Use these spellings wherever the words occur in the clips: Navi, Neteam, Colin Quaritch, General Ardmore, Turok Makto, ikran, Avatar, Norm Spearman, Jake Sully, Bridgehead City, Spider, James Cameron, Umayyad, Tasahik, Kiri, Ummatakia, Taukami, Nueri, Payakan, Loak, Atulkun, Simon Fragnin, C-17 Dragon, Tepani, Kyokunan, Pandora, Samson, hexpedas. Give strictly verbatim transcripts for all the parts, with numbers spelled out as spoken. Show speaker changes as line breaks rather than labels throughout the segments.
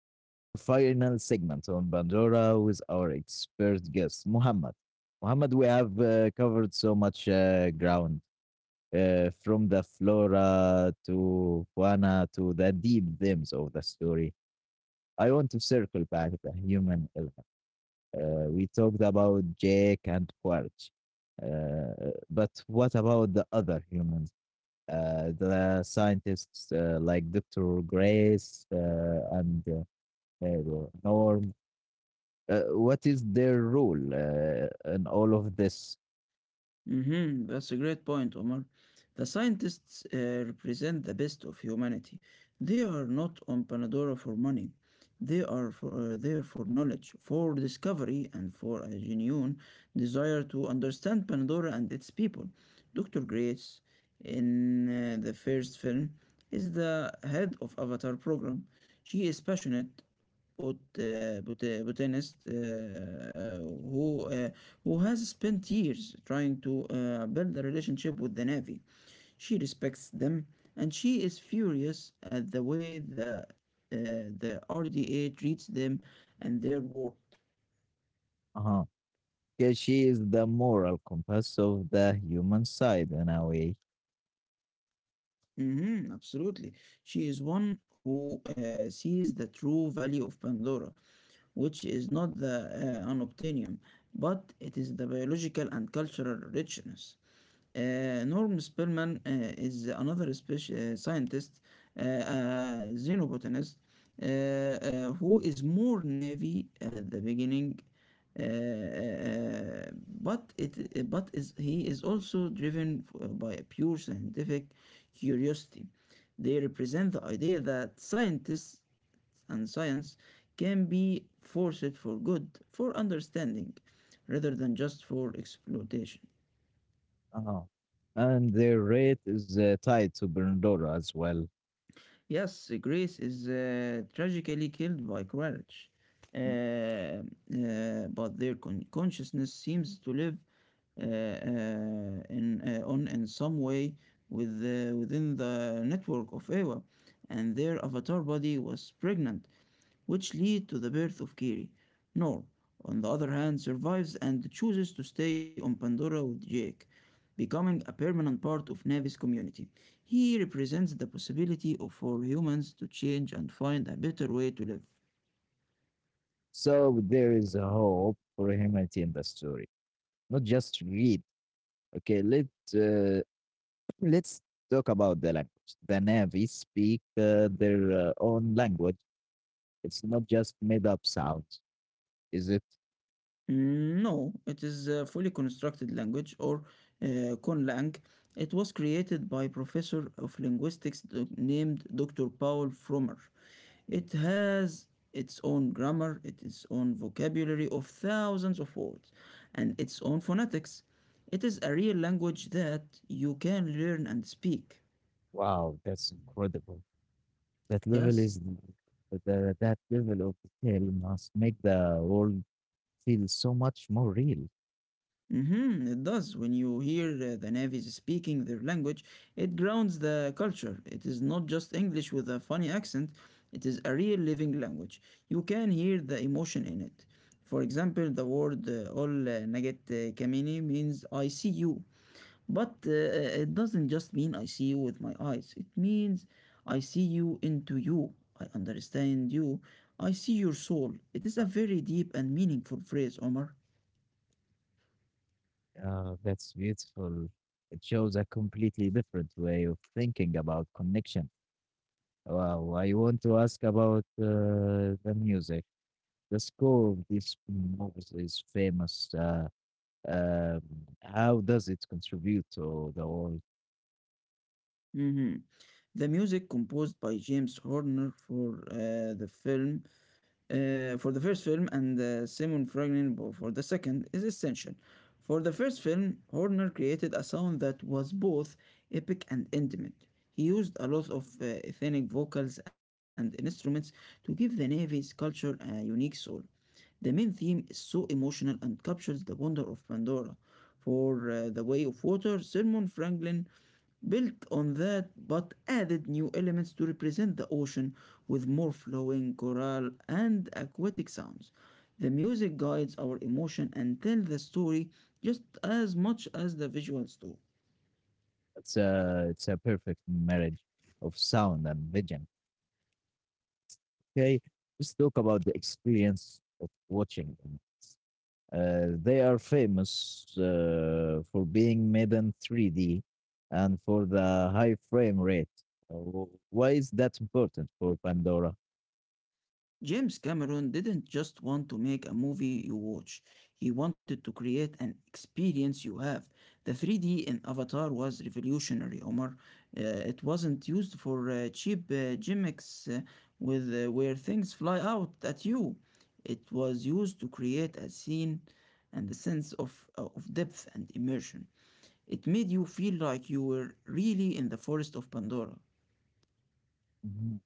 for our final segment on Pandora with our expert guest, Muhammad. Muhammad, we have uh, covered so much uh, ground, uh, from the flora to fauna to the deep themes of the story. I want to circle back the human element. Uh, we talked about Jake and Quarch, uh, but what about the other humans? Uh, the scientists uh, like Doctor Grace uh, and uh, Ew, Or, uh, what is their role uh, in all of this?
hmm That's a great point, Omar. The scientists uh, represent the best of humanity. They are not on Panadora for money. They are for, uh, there for knowledge, for discovery, and for a genuine desire to understand Panadora and its people. Doctor Grace, in uh, the first film, is the head of Avatar program. She is passionate but uh, bot- uh, botanist uh, uh, who uh, who has spent years trying to uh, build a relationship with the Navy. She respects them, and she is furious at the way the uh, the R D A treats them and their work.
Uh-huh. 'Kay, she is the moral compass of the human side in a way.
Mhm, absolutely, she is one who uh, sees the true value of Pandora, which is not the uh, unobtainium, but it is the biological and cultural richness. Uh, Norm Spearman uh, is another speci- uh, scientist, uh, uh, xenobotanist, uh, uh, who is more naive at the beginning, uh, uh, but it but is he is also driven f- by a pure scientific curiosity. They represent the idea that scientists and science can be forced for good, for understanding, rather than just for exploitation.
Uh-huh. And their rate is uh, tied to Berndora as well.
Yes, Grace is uh, tragically killed by courage, uh, uh, but their con- consciousness seems to live uh, uh, in, uh, on in some way with uh, within the network of Eva, and their avatar body was pregnant, which lead to the birth of Kiri. Nor, on the other hand, survives and chooses to stay on Pandora with Jake, becoming a permanent part of Navi's community. He represents the possibility of for humans to change and find a better way to live.
So there is a hope for humanity in the story, not just greed. Okay, let uh, let's talk about the language. The Na'vi speak uh, their uh, own language. It's not just made up sounds, is it?
Mm, no, it is a fully constructed language or uh, conlang. It was created by professor of linguistics do- named Doctor Paul Frommer. It has its own grammar, its own vocabulary of thousands of words, and its own phonetics. It is a real language that you can learn and speak.
Wow, that's incredible. That level is
Yes.
the, that level of detail must make the world feel so much more real.
hmm It does. When you hear uh, the Navies speaking their language, it grounds the culture. It is not just English with a funny accent, it is a real living language. You can hear the emotion in it. For example, the word uh, Ol uh, Naget uh, Kamini means I see you. But uh, uh, it doesn't just mean I see you with my eyes, it means I see you into you. I understand you. I see your soul. It is
Uh,
a very deep and meaningful phrase, Omar.
uh, that's beautiful. It shows a completely different way of thinking about connection. Wow, I want to ask about uh, the music. The score of this movie is famous. Uh, um, how does it contribute to the world?
Mhm. The music composed by James Horner for uh, the film, uh, for the first film, and uh, Simon Fragnin bo- for the second is essential. For the first film, Horner created a sound that was both epic and intimate. He used a lot of uh, ethnic vocals and instruments to give the Navy's culture a unique soul. The main theme is so emotional and captures the wonder of Pandora. For uh, The Way of Water, Simon Franklin built on that but added new elements to represent the ocean with more flowing choral and aquatic sounds. The music guides our emotion and tells the story just as much as the visuals do.
It's a it's a perfect marriage of sound and vision. Okay, let's talk about the experience of watching them. Uh, they are famous uh, for being made in three D and for the high frame rate. Uh, wh- why is that important for Pandora?
James Cameron didn't just want to make a movie you watch, he wanted to create an experience you have. The three D in Avatar was revolutionary, Omar. Uh, it wasn't used for uh, cheap uh, gimmicks uh, with, uh, where things fly out at you. It was used to create a scene and a sense of, uh, of depth and immersion. It made you feel like you were really in the forest of Pandora.
Mhm.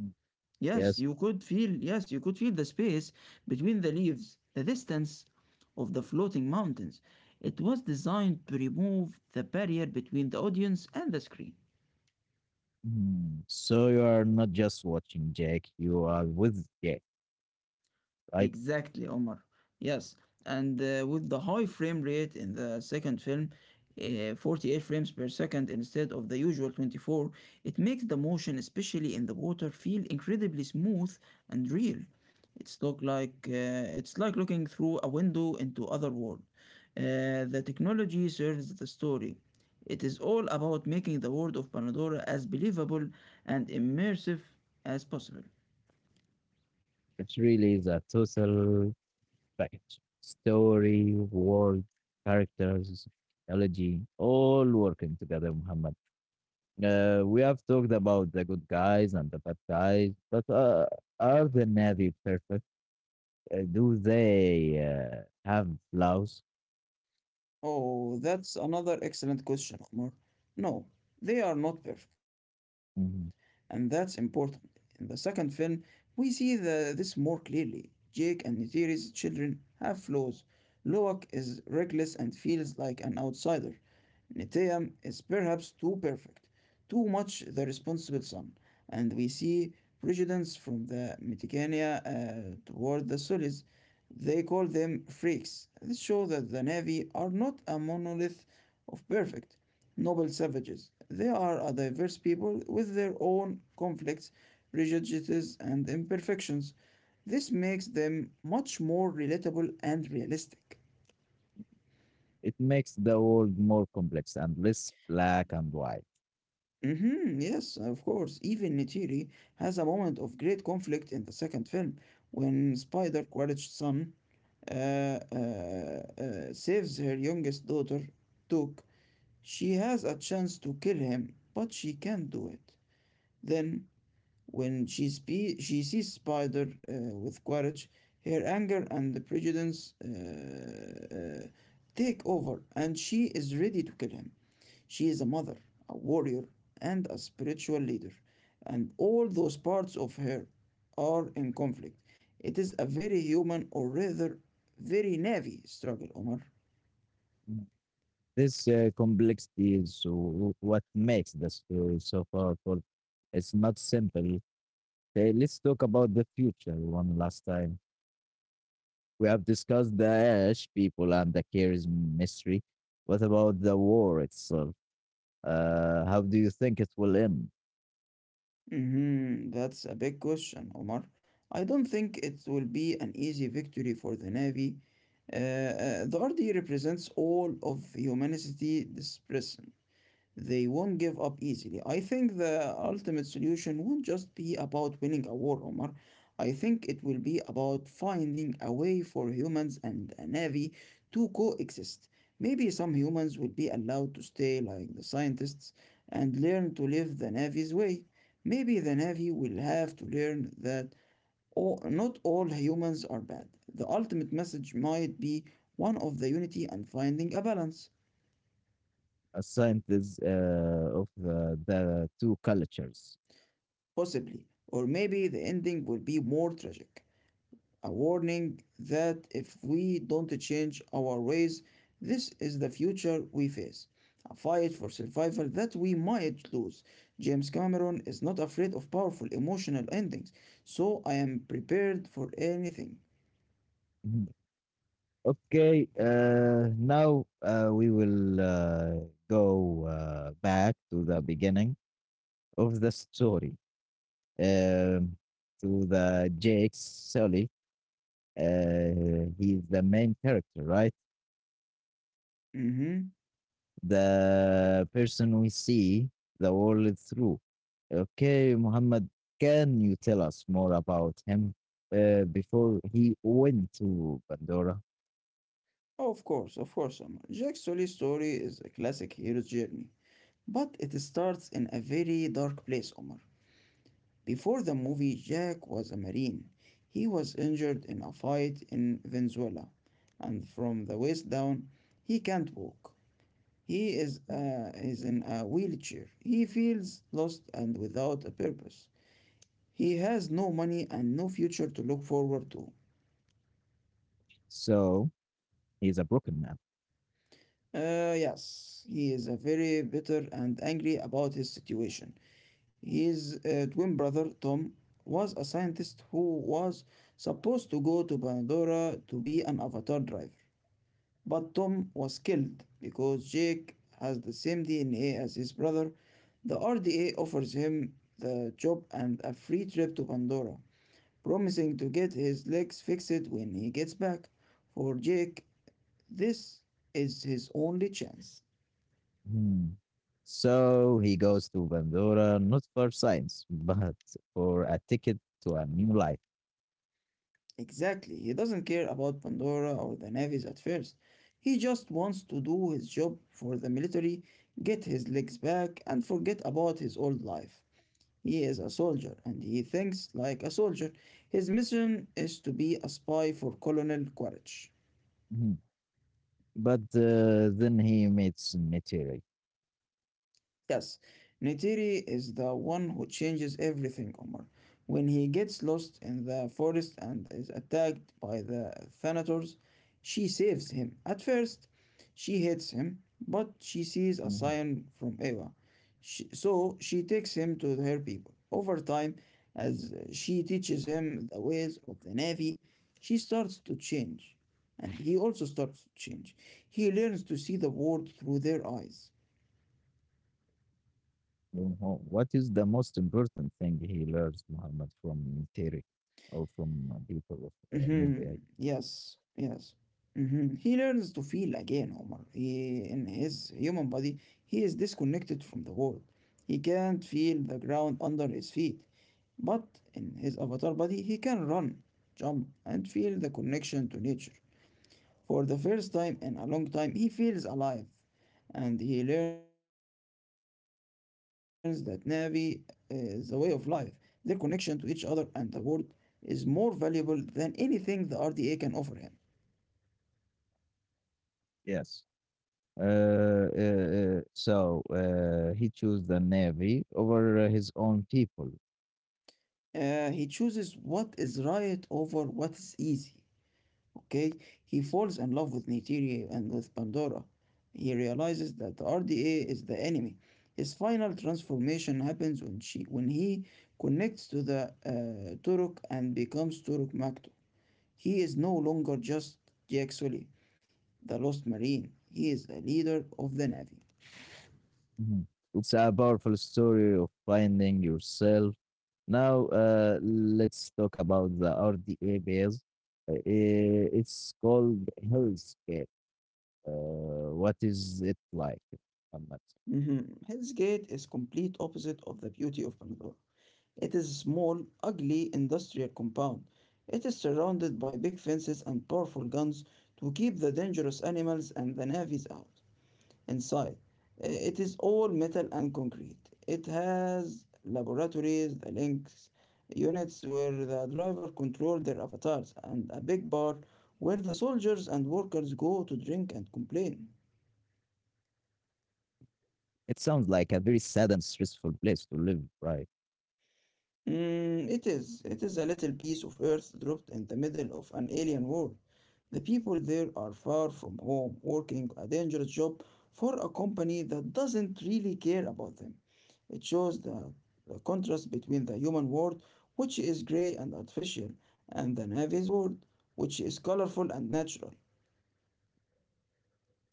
Mm.
Yes,
Yes.
you could feel, yes, you could feel the space between the leaves, the distance of the floating mountains. It was designed to remove the barrier between the audience and the screen.
Mm. So you are not just watching Jake, you are with Jake, right?
Exactly, Omar. Yes, and uh, with the high frame rate in the second film, uh, forty-eight frames per second instead of the usual twenty-four, it makes the motion, especially in the water, feel incredibly smooth and real. It's look like uh, it's like looking through a window into other world. Uh, the technology serves the story. It is all about making the world of Panadora as believable and immersive as possible.
It's really the total package, story, world, characters, technology, all working together, Muhammad. Uh, we have talked about the good guys and the bad guys, but uh, are the Navy perfect? Uh, do they uh, have flaws?
Oh, that's another excellent question, Omar. No, they are not perfect, and that's
Mhm.
important. In the second film, we see the, this more clearly. Jake and Neytiri's children have flaws. Loak is reckless and feels like an outsider. Neteam is perhaps too perfect, too much the responsible son, and we see prejudice from the Meticania uh, toward the Sulis. They call them freaks. This shows that the Na'vi are not a monolith of perfect, noble savages. They are a diverse people with their own conflicts, prejudices, and imperfections. This makes them much more relatable and realistic.
It makes the world more complex and less black and white.
Mm-hmm, yes, of course. Even Neytiri has a moment of great conflict in the second film when Spider Quaritch's son uh, uh, uh, saves her youngest daughter, Took. She has a chance to kill him, but she can't do it. Then when she, spe- she sees Spider uh, with courage, her anger and the prejudice uh, uh, take over, and she is ready to kill him. She is a mother, a warrior, and a spiritual leader, and all those parts of her are in conflict. It is a very human, or rather, very navy struggle, Omar.
This uh, complexity is w- what makes the story so powerful. It's not simple. Okay, let's talk about the future one last time. We have discussed the Ash people and the Cares mystery. What about the war itself? Uh, how do you think it will end?
Mhm, that's a big question, Omar. I don't think it will be an easy victory for the Navy. Uh, uh, the R D represents all of humanity dispersed. They won't give up easily. I think the ultimate solution won't just be about winning a war, Omar. I think it will be about finding a way for humans and a navy to coexist. Maybe some humans will be allowed to stay like the scientists and learn to live the navy's way. Maybe the navy will have to learn that all, not all humans are bad. The ultimate message might be one of the unity and finding a balance.
A scientist uh, of the, the two cultures.
Possibly, or maybe the ending will be more tragic. A warning that if we don't change our ways, this is the future we face. A fight for survival that we might lose. James Cameron is not afraid of powerful emotional endings, so I am prepared for anything.
Mhm. Okay, uh, now uh, we will uh, go uh, back to the beginning of the story. Um, to the Jake Sully. Uh, he's the main character, right?
hmm
The person we see the world through. Okay, Muhammad, can you tell us more about him uh, before he went to Pandora?
Of course, of course, Omar. Jack Sully's story is a classic hero's journey, but it starts in a very dark place, Omar. Before the movie, Jack was a Marine. He was injured in a fight in Venezuela, and from the waist down, he can't walk. He is, uh, is in a wheelchair. He feels lost and without a purpose. He has no money and no future to look forward to.
So he's a broken man.
Uh, yes, he is a very bitter and angry about his situation. His uh, twin brother Tom was a scientist who was supposed to go to Pandora to be an avatar driver. But Tom was killed because Jake has the same D N A as his brother. The R D A offers him the job and a free trip to Pandora, promising to get his legs fixed when he gets back. For Jake, this is his only chance.
Hmm. So he goes to Pandora not for science, but for a ticket to a new life.
Exactly, he doesn't care about Pandora or the navies at first. He just wants to do his job for the military, get his legs back, and forget about his old life. He is a soldier, and he thinks like a soldier. His mission is to be a spy for Colonel Quaritch.
Mhm. But uh, then he meets Netiri.
Yes, Neytiri is the one who changes everything, Omar. When he gets lost in the forest and is attacked by the Thanators, she saves him. At first, she hates him, but she sees a sign from Eva. She, so she takes him to her people. Over time, as she teaches him the ways of the Navy, she starts to change. And he also starts to change. He learns to see the world through their eyes.
Mhm. What is the most important thing he learns, Muhammad, from theory or from uh,
Mhm.
people of uh,
Yes,
Navy?
yes. Mhm. He learns to feel again, Omar. He, in his human body, he is disconnected from the world. He can't feel the ground under his feet. But in his avatar body, he can run, jump, and feel the connection to nature. For the first time in a long time, he feels alive and he learns that Navi is a way of life. Their connection to each other and the world is more valuable than anything the R D A can offer him.
Yes. Uh, uh, uh, so uh, he chose the Navy over uh, his own people.
Uh, he chooses what is right over what is easy. Okay, he falls in love with Neytiria and with Pandora. He realizes that the R D A is the enemy. His final transformation happens when she when he connects to the uh, Turok and becomes Turok Makto. He is no longer just Jack Sully, the lost marine. He is the leader of the navy.
Mhm. It's a powerful story of finding yourself. Now, uh, let's talk about the R D A base. Uh, eh, it's called Hellscape. Uh, what is it like, Muhammad?
Mhm. Hell's Gate is complete opposite of the beauty of Pandora. It is a small, ugly industrial compound. It is surrounded by big fences and powerful guns to keep the dangerous animals and the navies out. Inside, uh, it is all metal and concrete. It has laboratories, the links, units where the driver control their avatars, and a big bar where the soldiers and workers go to drink and complain.
It sounds like a very sad and stressful place to live, right?
Mm, it is. It is a little piece of earth dropped in the middle of an alien world. The people there are far from home, working a dangerous job for a company that doesn't really care about them. It shows the, the contrast between the human world, which is gray and artificial, and the Navy's world, which is colorful and natural.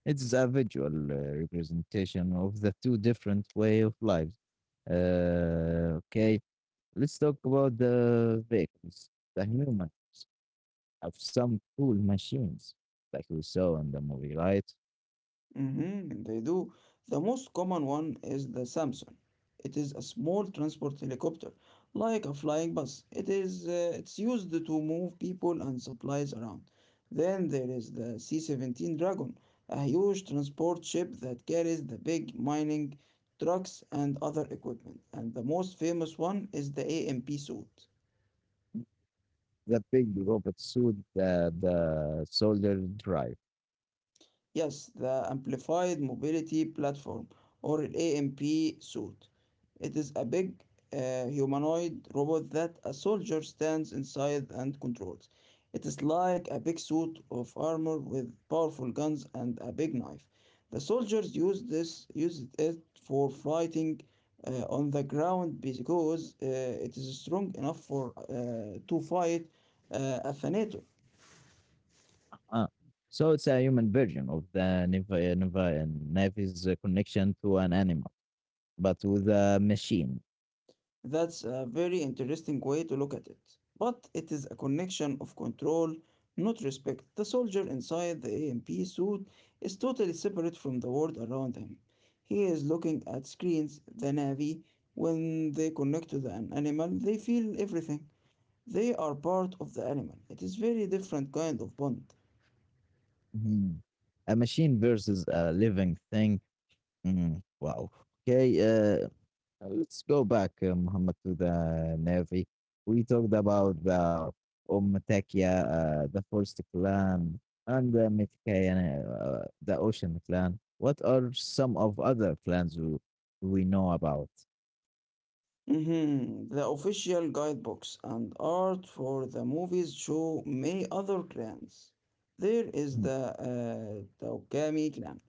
It's a visual uh, representation of the two different way of lives. Uh, okay, let's talk about the vehicles. The humans have some cool machines, like we saw in the movie, right?
Mhm, they do. The most common one is the Samson. It is a small transport helicopter, like a flying bus. It is uh, it's used to move people and supplies around. Then there is the C seventeen Dragon, a huge transport ship that carries the big mining trucks and other equipment. And the most famous one is the AMP suit.
The big robot suit that the soldier drive.
Yes, the Amplified Mobility Platform or AMP suit. It is a big uh, humanoid robot that a soldier stands inside and controls. It is like a big suit of armor with powerful guns and a big knife. The soldiers use this use it for fighting uh, on the ground because uh, it is strong enough for uh, to fight uh, a Thanator.
Ah, so it's a human version of the Neva Neva and Navy's uh, connection to an animal, but with a machine.
That's a very interesting way to look at it. But it is a connection of control, not respect. The soldier inside the AMP suit is totally separate from the world around him. He is looking at screens, the navy. When they connect to the, an animal, they feel everything. They are part of the animal. It is very different kind of bond.
Mhm. A machine versus a living thing. Mm, wow. Okay. Uh, uh, let's go back, uh, Muhammad, to the Navy. We talked about the Ummatakia, uh, the First Clan, and the Mitkayan, uh, the Ocean Clan. What are some of other clans we, we know about?
Mhm, the official guidebooks and art for the movies show many other clans. There is
Mhm.
the uh, Taukami clan,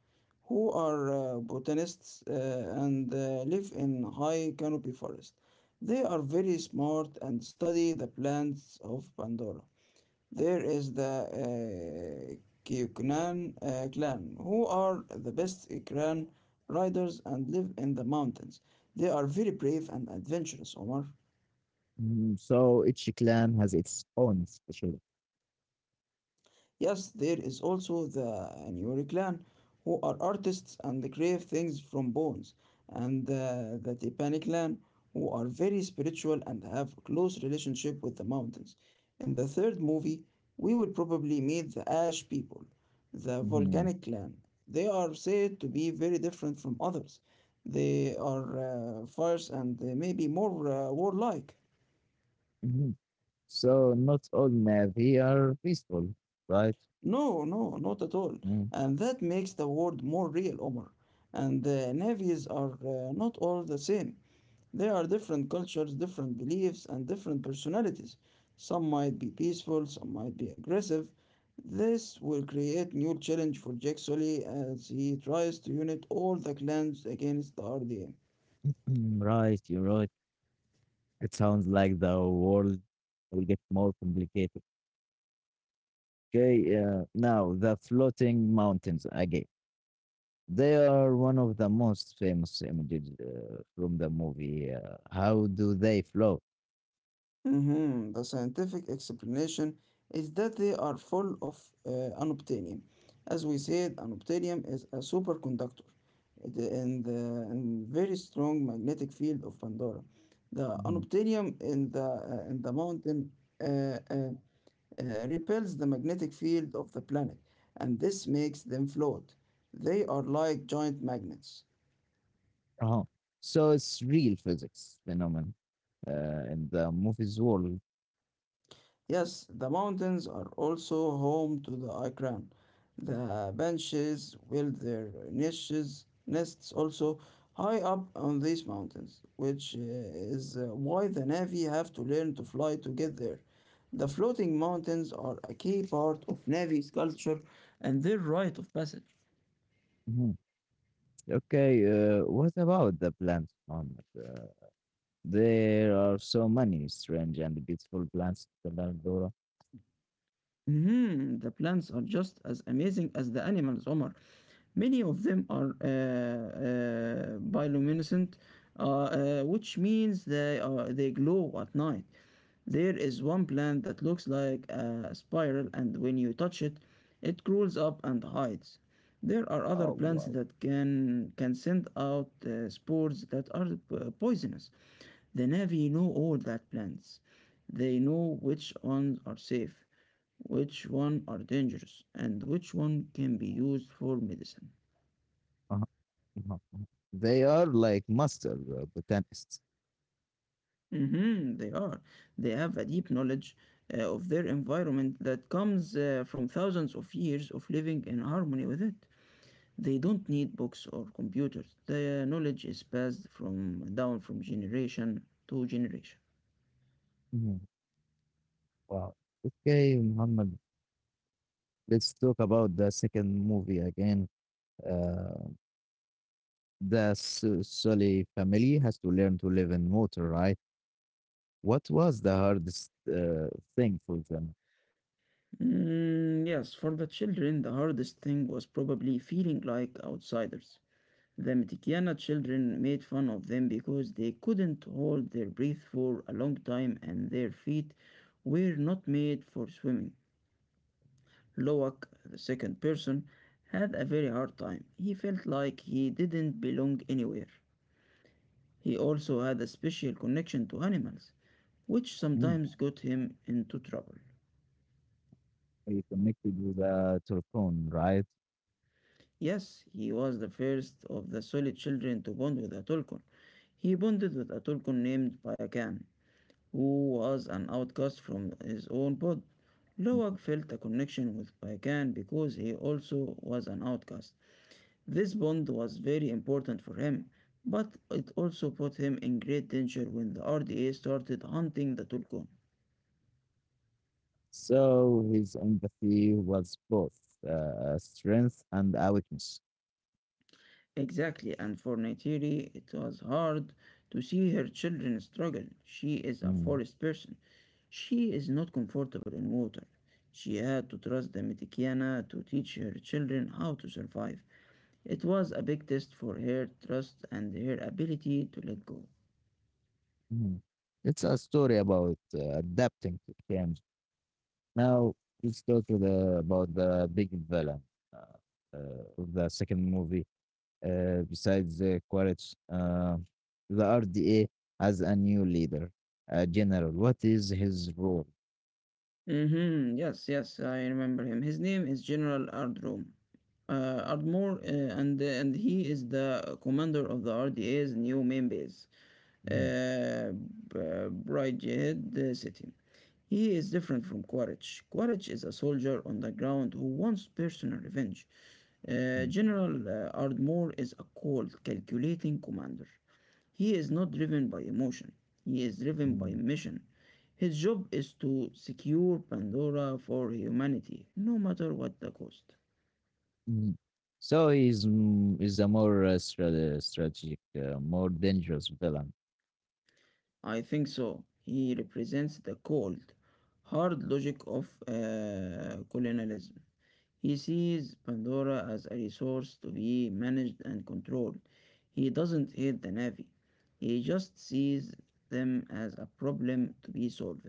who are uh, botanists uh, and uh, live in high canopy forest. They are very smart and study the plants of Pandora. There is the uh, Kyokunan uh, clan, who are the best clan riders and live in the mountains. They are very brave and adventurous, Omar.
Mhm. So each clan has its own special.
Yes, there is also the Nueri clan, who are artists and create things from bones, and uh, the Tepani clan, who are very spiritual and have close relationship with the mountains. In the third movie, we will probably meet the Ash people, the
Mhm.
volcanic clan. They are said to be very different from others. They are uh, fierce and uh, maybe more uh, warlike.
Mhm. So not all Navy are peaceful, right?
No, no, not at all.
Mm-hmm.
And that makes the world more real, Omar. And uh, navies are uh, not all the same. They are different cultures, different beliefs, and different personalities. Some might be peaceful, some might be aggressive. This will create new challenge for Jack Sully as he tries to unite all the clans against the R D A.
Mm, right, you're right. It sounds like the world will get more complicated. Okay, uh, now the floating mountains again. They are one of the most famous images uh, from the movie. Uh, how do they float?
Mhm. The scientific explanation is that they are full of uh, unobtainium. As we said, unobtainium is a superconductor it, in the in very strong magnetic field of Pandora. The
Mhm.
unobtainium in the uh, in the mountain uh, uh, uh, repels the magnetic field of the planet, and this makes them float. They are like giant magnets.
Uh-huh. So it's real physics phenomenon uh, in the movie's world.
Yes, the mountains are also home to the ikran. The benches build their niches, nests also high up on these mountains, which uh, is uh, why the Navy have to learn to fly to get there. The floating mountains are a key part of Navy's culture and their rite of passage.
Mhm. Okay, uh, what about the plants, Mohammed? Uh, there are so many strange and beautiful plants in the Dora.
Mhm, the plants are just as amazing as the animals, Omar. Many of them are uh, uh, bioluminescent, uh, uh, which means they, are, they glow at night. There is one plant that looks like a spiral, and when you touch it, it crawls up and hides. There are other
Oh,
plants
wow.
that can, can send out uh, spores that are uh, poisonous. The Navy know all that plans. They know which ones are safe, which one are dangerous, and which one can be used for medicine.
Uh-huh, uh-huh, uh-huh. They are like master uh, botanists.
Mhm, they are. They have a deep knowledge uh, of their environment that comes uh, from thousands of years of living in harmony with it. They don't need books or computers. The knowledge is passed from down from generation to generation.
Mhm. Wow. Okay, Muhammad, let's talk about the second movie again. Uh, the Su- Sully family has to learn to live in water, right? What was the hardest uh, thing for them?
Mm, yes, for the children, the hardest thing was probably feeling like outsiders. The Mitikiana children made fun of them because they couldn't hold their breath for a long time and their feet were not made for swimming. Loak, the second person, had a very hard time. He felt like he didn't belong anywhere. He also had a special connection to animals, which
Mm,
sometimes got him into trouble.
he connected with the Turcon, right?
Yes, he was the first of the Solid children to bond with Atulkun. He bonded with Atulkun named Payakan, who was an outcast from his own pod. Lowak felt a connection with Payakan because he also was an outcast. This bond was very important for him, but it also put him in great danger when the R D A started hunting the Tulkun.
So his empathy was both uh, a strength and a weakness.
Exactly, and for Neytiri, it was hard to see her children struggle. She is a
Mm,
forest person. She is not comfortable in water. She had to trust the Mitikiana to teach her children how to survive. It was a big test for her trust and her ability to let go.
mhm. It's a story about uh, adapting to change. Now let's talk the, about the big villain uh, uh, of the second movie. Uh, besides the Quaritch, uh, the R D A has a new leader, a general. What is his role?
Mm-hmm. Yes, yes, I remember him. His name is General Ardrom. Uh, Ardmore, uh, and and he is the commander of the R D A's new main base,
Mhm,
uh, Bridgehead City. He is different from Quaritch. Quaritch is a soldier on the ground who wants personal revenge. Uh,
mhm,
General uh, Ardmore is a cold, calculating commander. He is not driven by emotion, he is driven by
mhm,
mission. His job is to secure Pandora for humanity, no matter what the cost.
mhm. So he's mm, is a more uh, stra- strategic, uh, more dangerous villain.
I think so. He represents the cold, hard logic of uh, colonialism. He sees Pandora as a resource to be managed and controlled. He doesn't hate the Na'vi. He just sees them as a problem to be solved.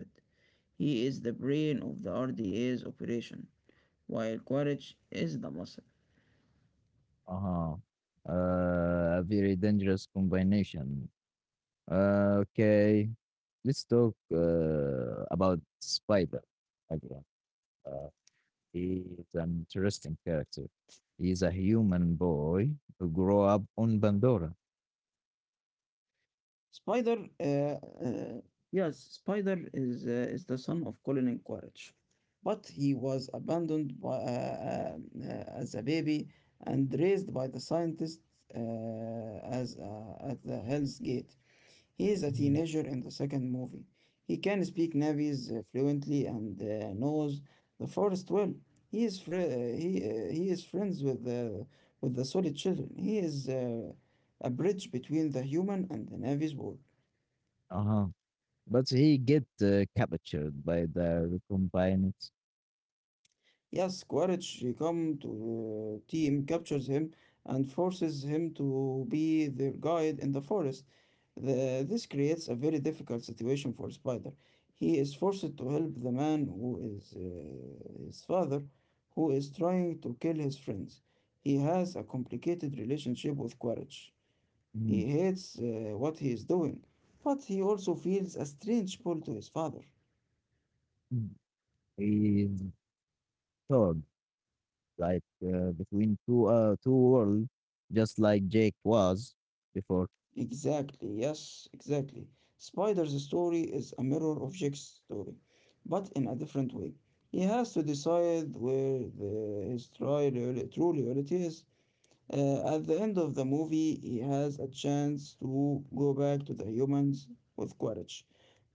He is the brain of the R D A's operation, while Quaritch is the muscle.
Uh-huh. Uh, a very dangerous combination. Uh, okay, let's talk uh, about Spider again. Uh, he is an interesting character. He's a human boy who grew up on Pandora.
Spider, uh, uh, yes, Spider is uh, is the son of Colin Quaritch, but he was abandoned by, uh, uh, uh, as a baby and raised by the scientists uh, as uh, at the Hell's Gate. He is a
Mhm.
teenager in the second movie. He can speak Navi's uh, fluently and uh, knows the forest well. He is fri- uh, he, uh, he is friends with the with the solid children. He is uh, a bridge between the human and the Navy's world.
Uh-huh. But he get uh, captured by the recombinants.
Yes, Quaritch come to uh, team captures him and forces him to be their guide in the forest. The, this creates a very difficult situation for Spider. He is forced to help the man who is uh, his father, who is trying to kill his friends. He has a complicated relationship with Quaritch.
Mhm.
He hates uh, what he is doing, but he also feels a strange pull to his father.
Mm. He's caught, like, uh, between two uh, two worlds, just like Jake was before.
Exactly, yes, exactly. Spider's story is a mirror of Jack's story, but in a different way. He has to decide where the, his tri- reali- true reality is. Uh, at the end of the movie, he has a chance to go back to the humans with courage,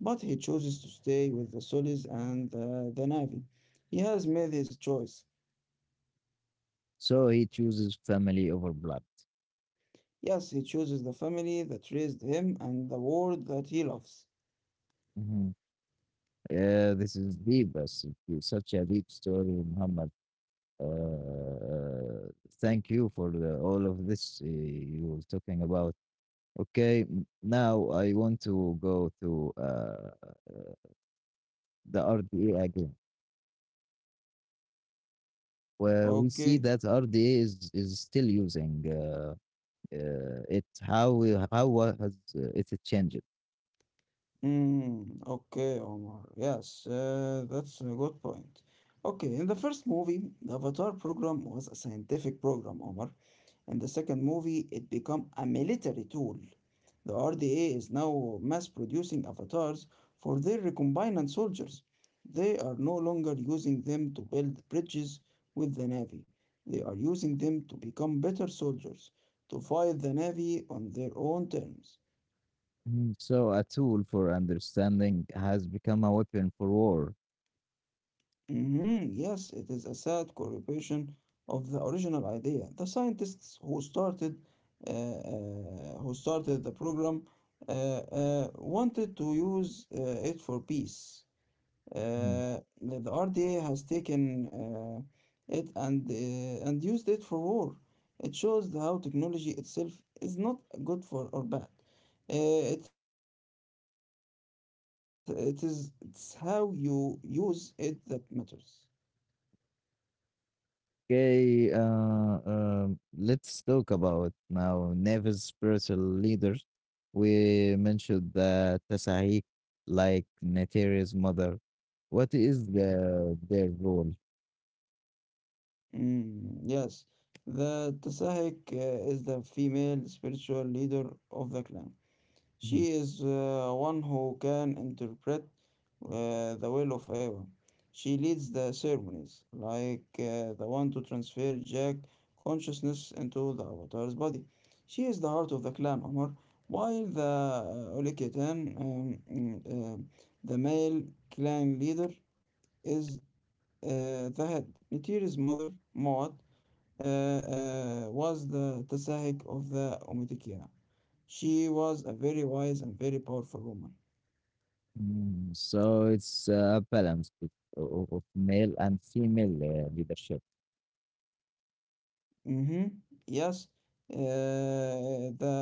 but he chooses to stay with the Solis and uh, the Navy. He has made his choice.
So he chooses family over blood.
Yes, he chooses the family that raised him and the world that he loves.
Yeah, this is deep. That's such a deep story, Muhammad. Uh, Thank you for the, all of this uh, you were talking about. Okay, m- now I want to go to uh, the R D A again, where we see
Okay.
that R D A is, is still using uh, uh, it. How we- how wa- has uh, it changed?
Mm, okay, Omar. Yes, uh, that's a good point. Okay, in the first movie, the Avatar program was a scientific program, Omar. In the second movie, it became a military tool. The R D A is now mass producing avatars for their recombinant soldiers. They are no longer using them to build bridges with the Navy. They are using them to become better soldiers, to fight the Navy on their own terms.
Mhm. So a tool for understanding has become a weapon for war.
Mhm, yes, it is a sad corruption of the original idea. The scientists who started uh, uh, who started the program uh, uh, wanted to use uh, it for peace. Uh,
Mm,
the the R D A has taken uh, it and uh, and used it for war. It shows how technology itself is not good for or bad. Uh, it it is it's how you use it that matters.
okay, uh, um, let's talk about now Nevis spiritual leaders. We mentioned the Tasahik, like Natera's mother. What is the their role?
Mm, yes, the Tasahik uh, is the female spiritual leader of the clan.
Mhm.
She is uh, one who can interpret uh, the will of Eva. She leads the ceremonies, like uh, the one to transfer Jack consciousness into the Avatar's body. She is the heart of the clan, Omar, while the uh, Ulikitan, um, mm, uh, the male clan leader, is uh, the head. Nitiri's mother, Moat, uh, uh, was the Tazahik of the Umayyad. She was a very wise and very powerful woman.
Mm, so it's a balance bet- o- of male and female uh, leadership.
hmm Yes, uh, the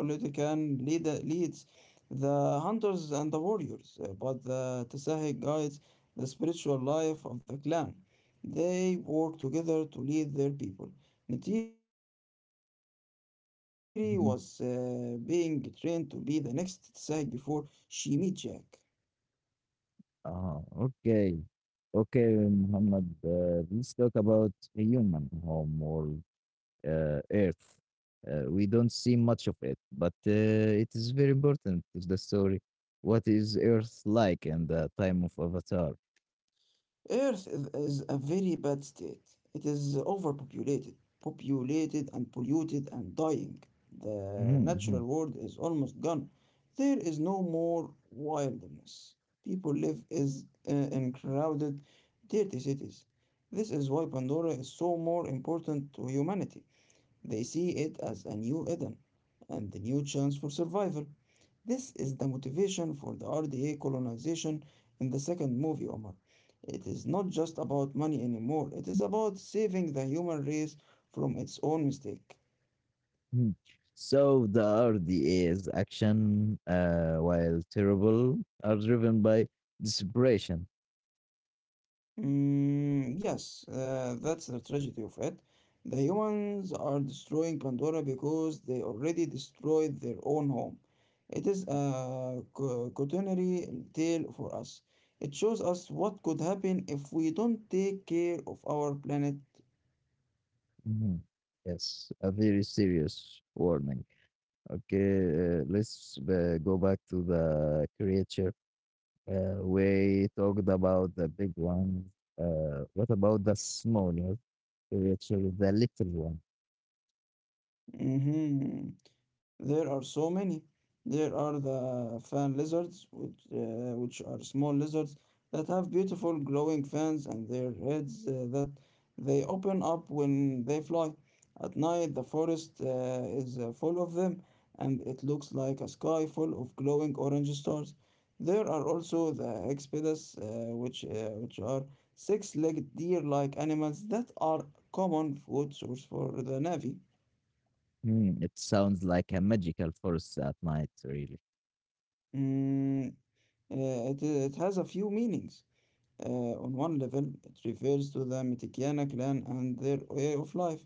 Umayyad leader leads the hunters and the warriors, uh, but the Tazahik guides the spiritual life of the clan. They work together to lead their people. Nitiri was uh, being trained to be
Mhm.
the next Tazahik before she met Jack.
Ah, okay, okay, Muhammad. Uh, let's talk about human homework. uh, Earth. Uh, we don't see much of it, but uh, it is very important to the story. What is Earth like in the time of Avatar?
Earth is, is a very bad state. It is overpopulated, populated and polluted and dying. The
Mhm,
natural world is almost gone. There is no more wilderness. People live is, uh, in crowded, dirty cities. This is why Pandora is so more important to humanity. They see it as a new Eden and a new chance for survival. This is the motivation for the R D A colonization in the second movie, Omar. It is not just about money anymore, it is about saving the human race from its own mistake.
mhm. So the R D A's action, uh, while terrible, are driven by desperation.
Mm, yes, uh, that's the tragedy of it. The humans are destroying Pandora because they already destroyed their own home. It is a co- cautionary tale for us. It shows us what could happen if we don't take care of our planet.
Mhm. Yes, a very serious warning. Okay, uh, let's uh, go back to the creature. Uh, we talked about the big ones. Uh, what about the small ones? Which is the little one.
Mhm. There are so many. There are the fan lizards, which, uh, which are small lizards that have beautiful glowing fans and their heads uh, that they open up when they fly. At night, the forest uh, is uh, full of them, and it looks like a sky full of glowing orange stars. There are also the hexpedas, uh, which uh, which are six-legged deer-like animals that are common food source for the Navy.
Hmm, it sounds like a magical force at night, really.
Mm, uh, it, it has a few meanings. Uh, on one level, it refers to the Mitikiana clan and their way of life,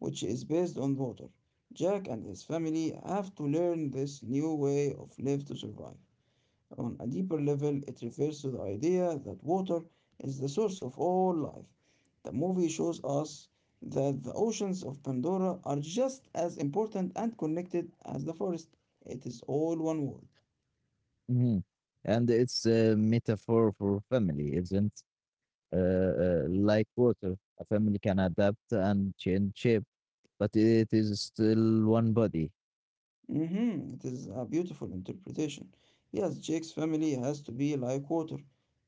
which is based on water. Jack and his family have to learn this new way of life to survive. On a deeper level, it refers to the idea that water is the source of all life. The movie shows us that the oceans of Pandora are just as important and connected as the forest. It is all one world.
Mhm. And it's a metaphor for family, isn't uh, uh, like water. A family can adapt and change shape, but it is still one body.
Mhm. It is a beautiful interpretation. Yes, Jake's family has to be like water.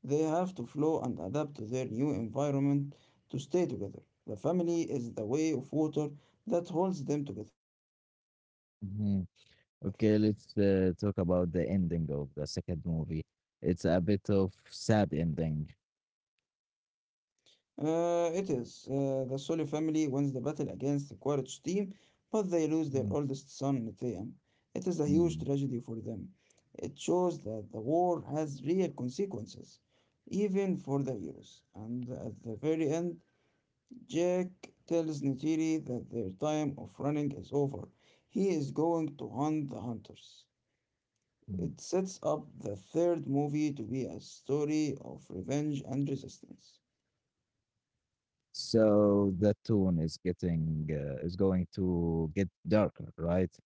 They have to flow and adapt to their new environment to stay together. The family is the way of water that holds them together.
Mhm. Okay, let's uh, talk about the ending of the second movie. It's a bit of sad ending.
Uh, it is. Uh, the Sully family wins the battle against the Quaritch team, but they lose their
Mm.
oldest son, Neteam. It is a huge
Mm.
tragedy for them. It shows that the war has real consequences even for the heroes. And at the very end, Jack tells Neytiri that their time of running is over. He is going to hunt the hunters. It
Mm.
sets up the third movie to be a story of revenge and resistance.
So the tone is getting uh, is going to get darker, right?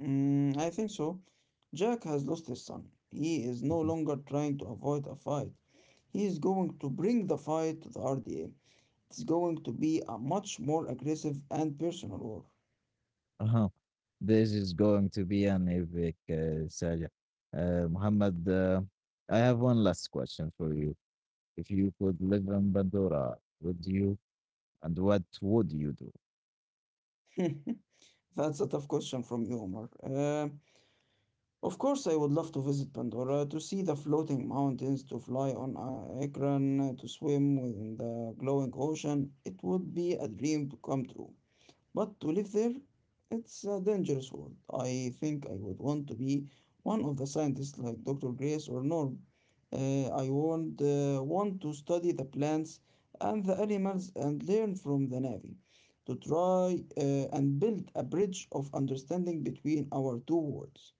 Mm, I think so. Jack has lost his son. He is no
Mhm.
longer trying to avoid a fight. He is going to bring the fight to the R D A. It's going to be a much more aggressive and personal war.
Uh-huh. This is going to be an epic uh, saga. Uh, Muhammad, uh, I have one last question for you. If you could live in Pandora, would you, and what would you do?
That's a tough question from you, Omar. Uh, Of course, I would love to visit Pandora, to see the floating mountains, to fly on a aircraft, to swim in the glowing ocean. It would be a dream to come true. But to live there, it's a dangerous world. I think I would want to be one of the scientists like doctor Grace or Norm. Uh, I would uh, want to study the plants and the animals and learn from the Navy, to try uh, and build a bridge of understanding between our two worlds.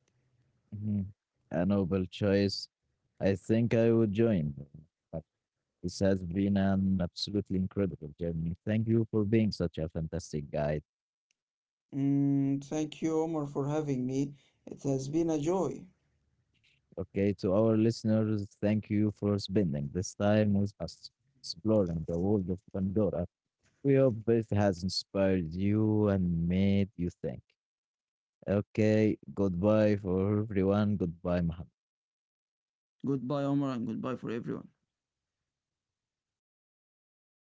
Mhm. A noble choice. I think I would join. But this has been an absolutely incredible journey. Thank you for being such a fantastic guide.
Mm, thank you, Omar, for having me. It has been a joy.
Okay, to our listeners, thank you for spending this time with us, exploring the world of Pandora. We hope it has inspired you and made you think. Okay, goodbye for everyone. Goodbye, Mohammed.
Goodbye, Omar, and goodbye for everyone.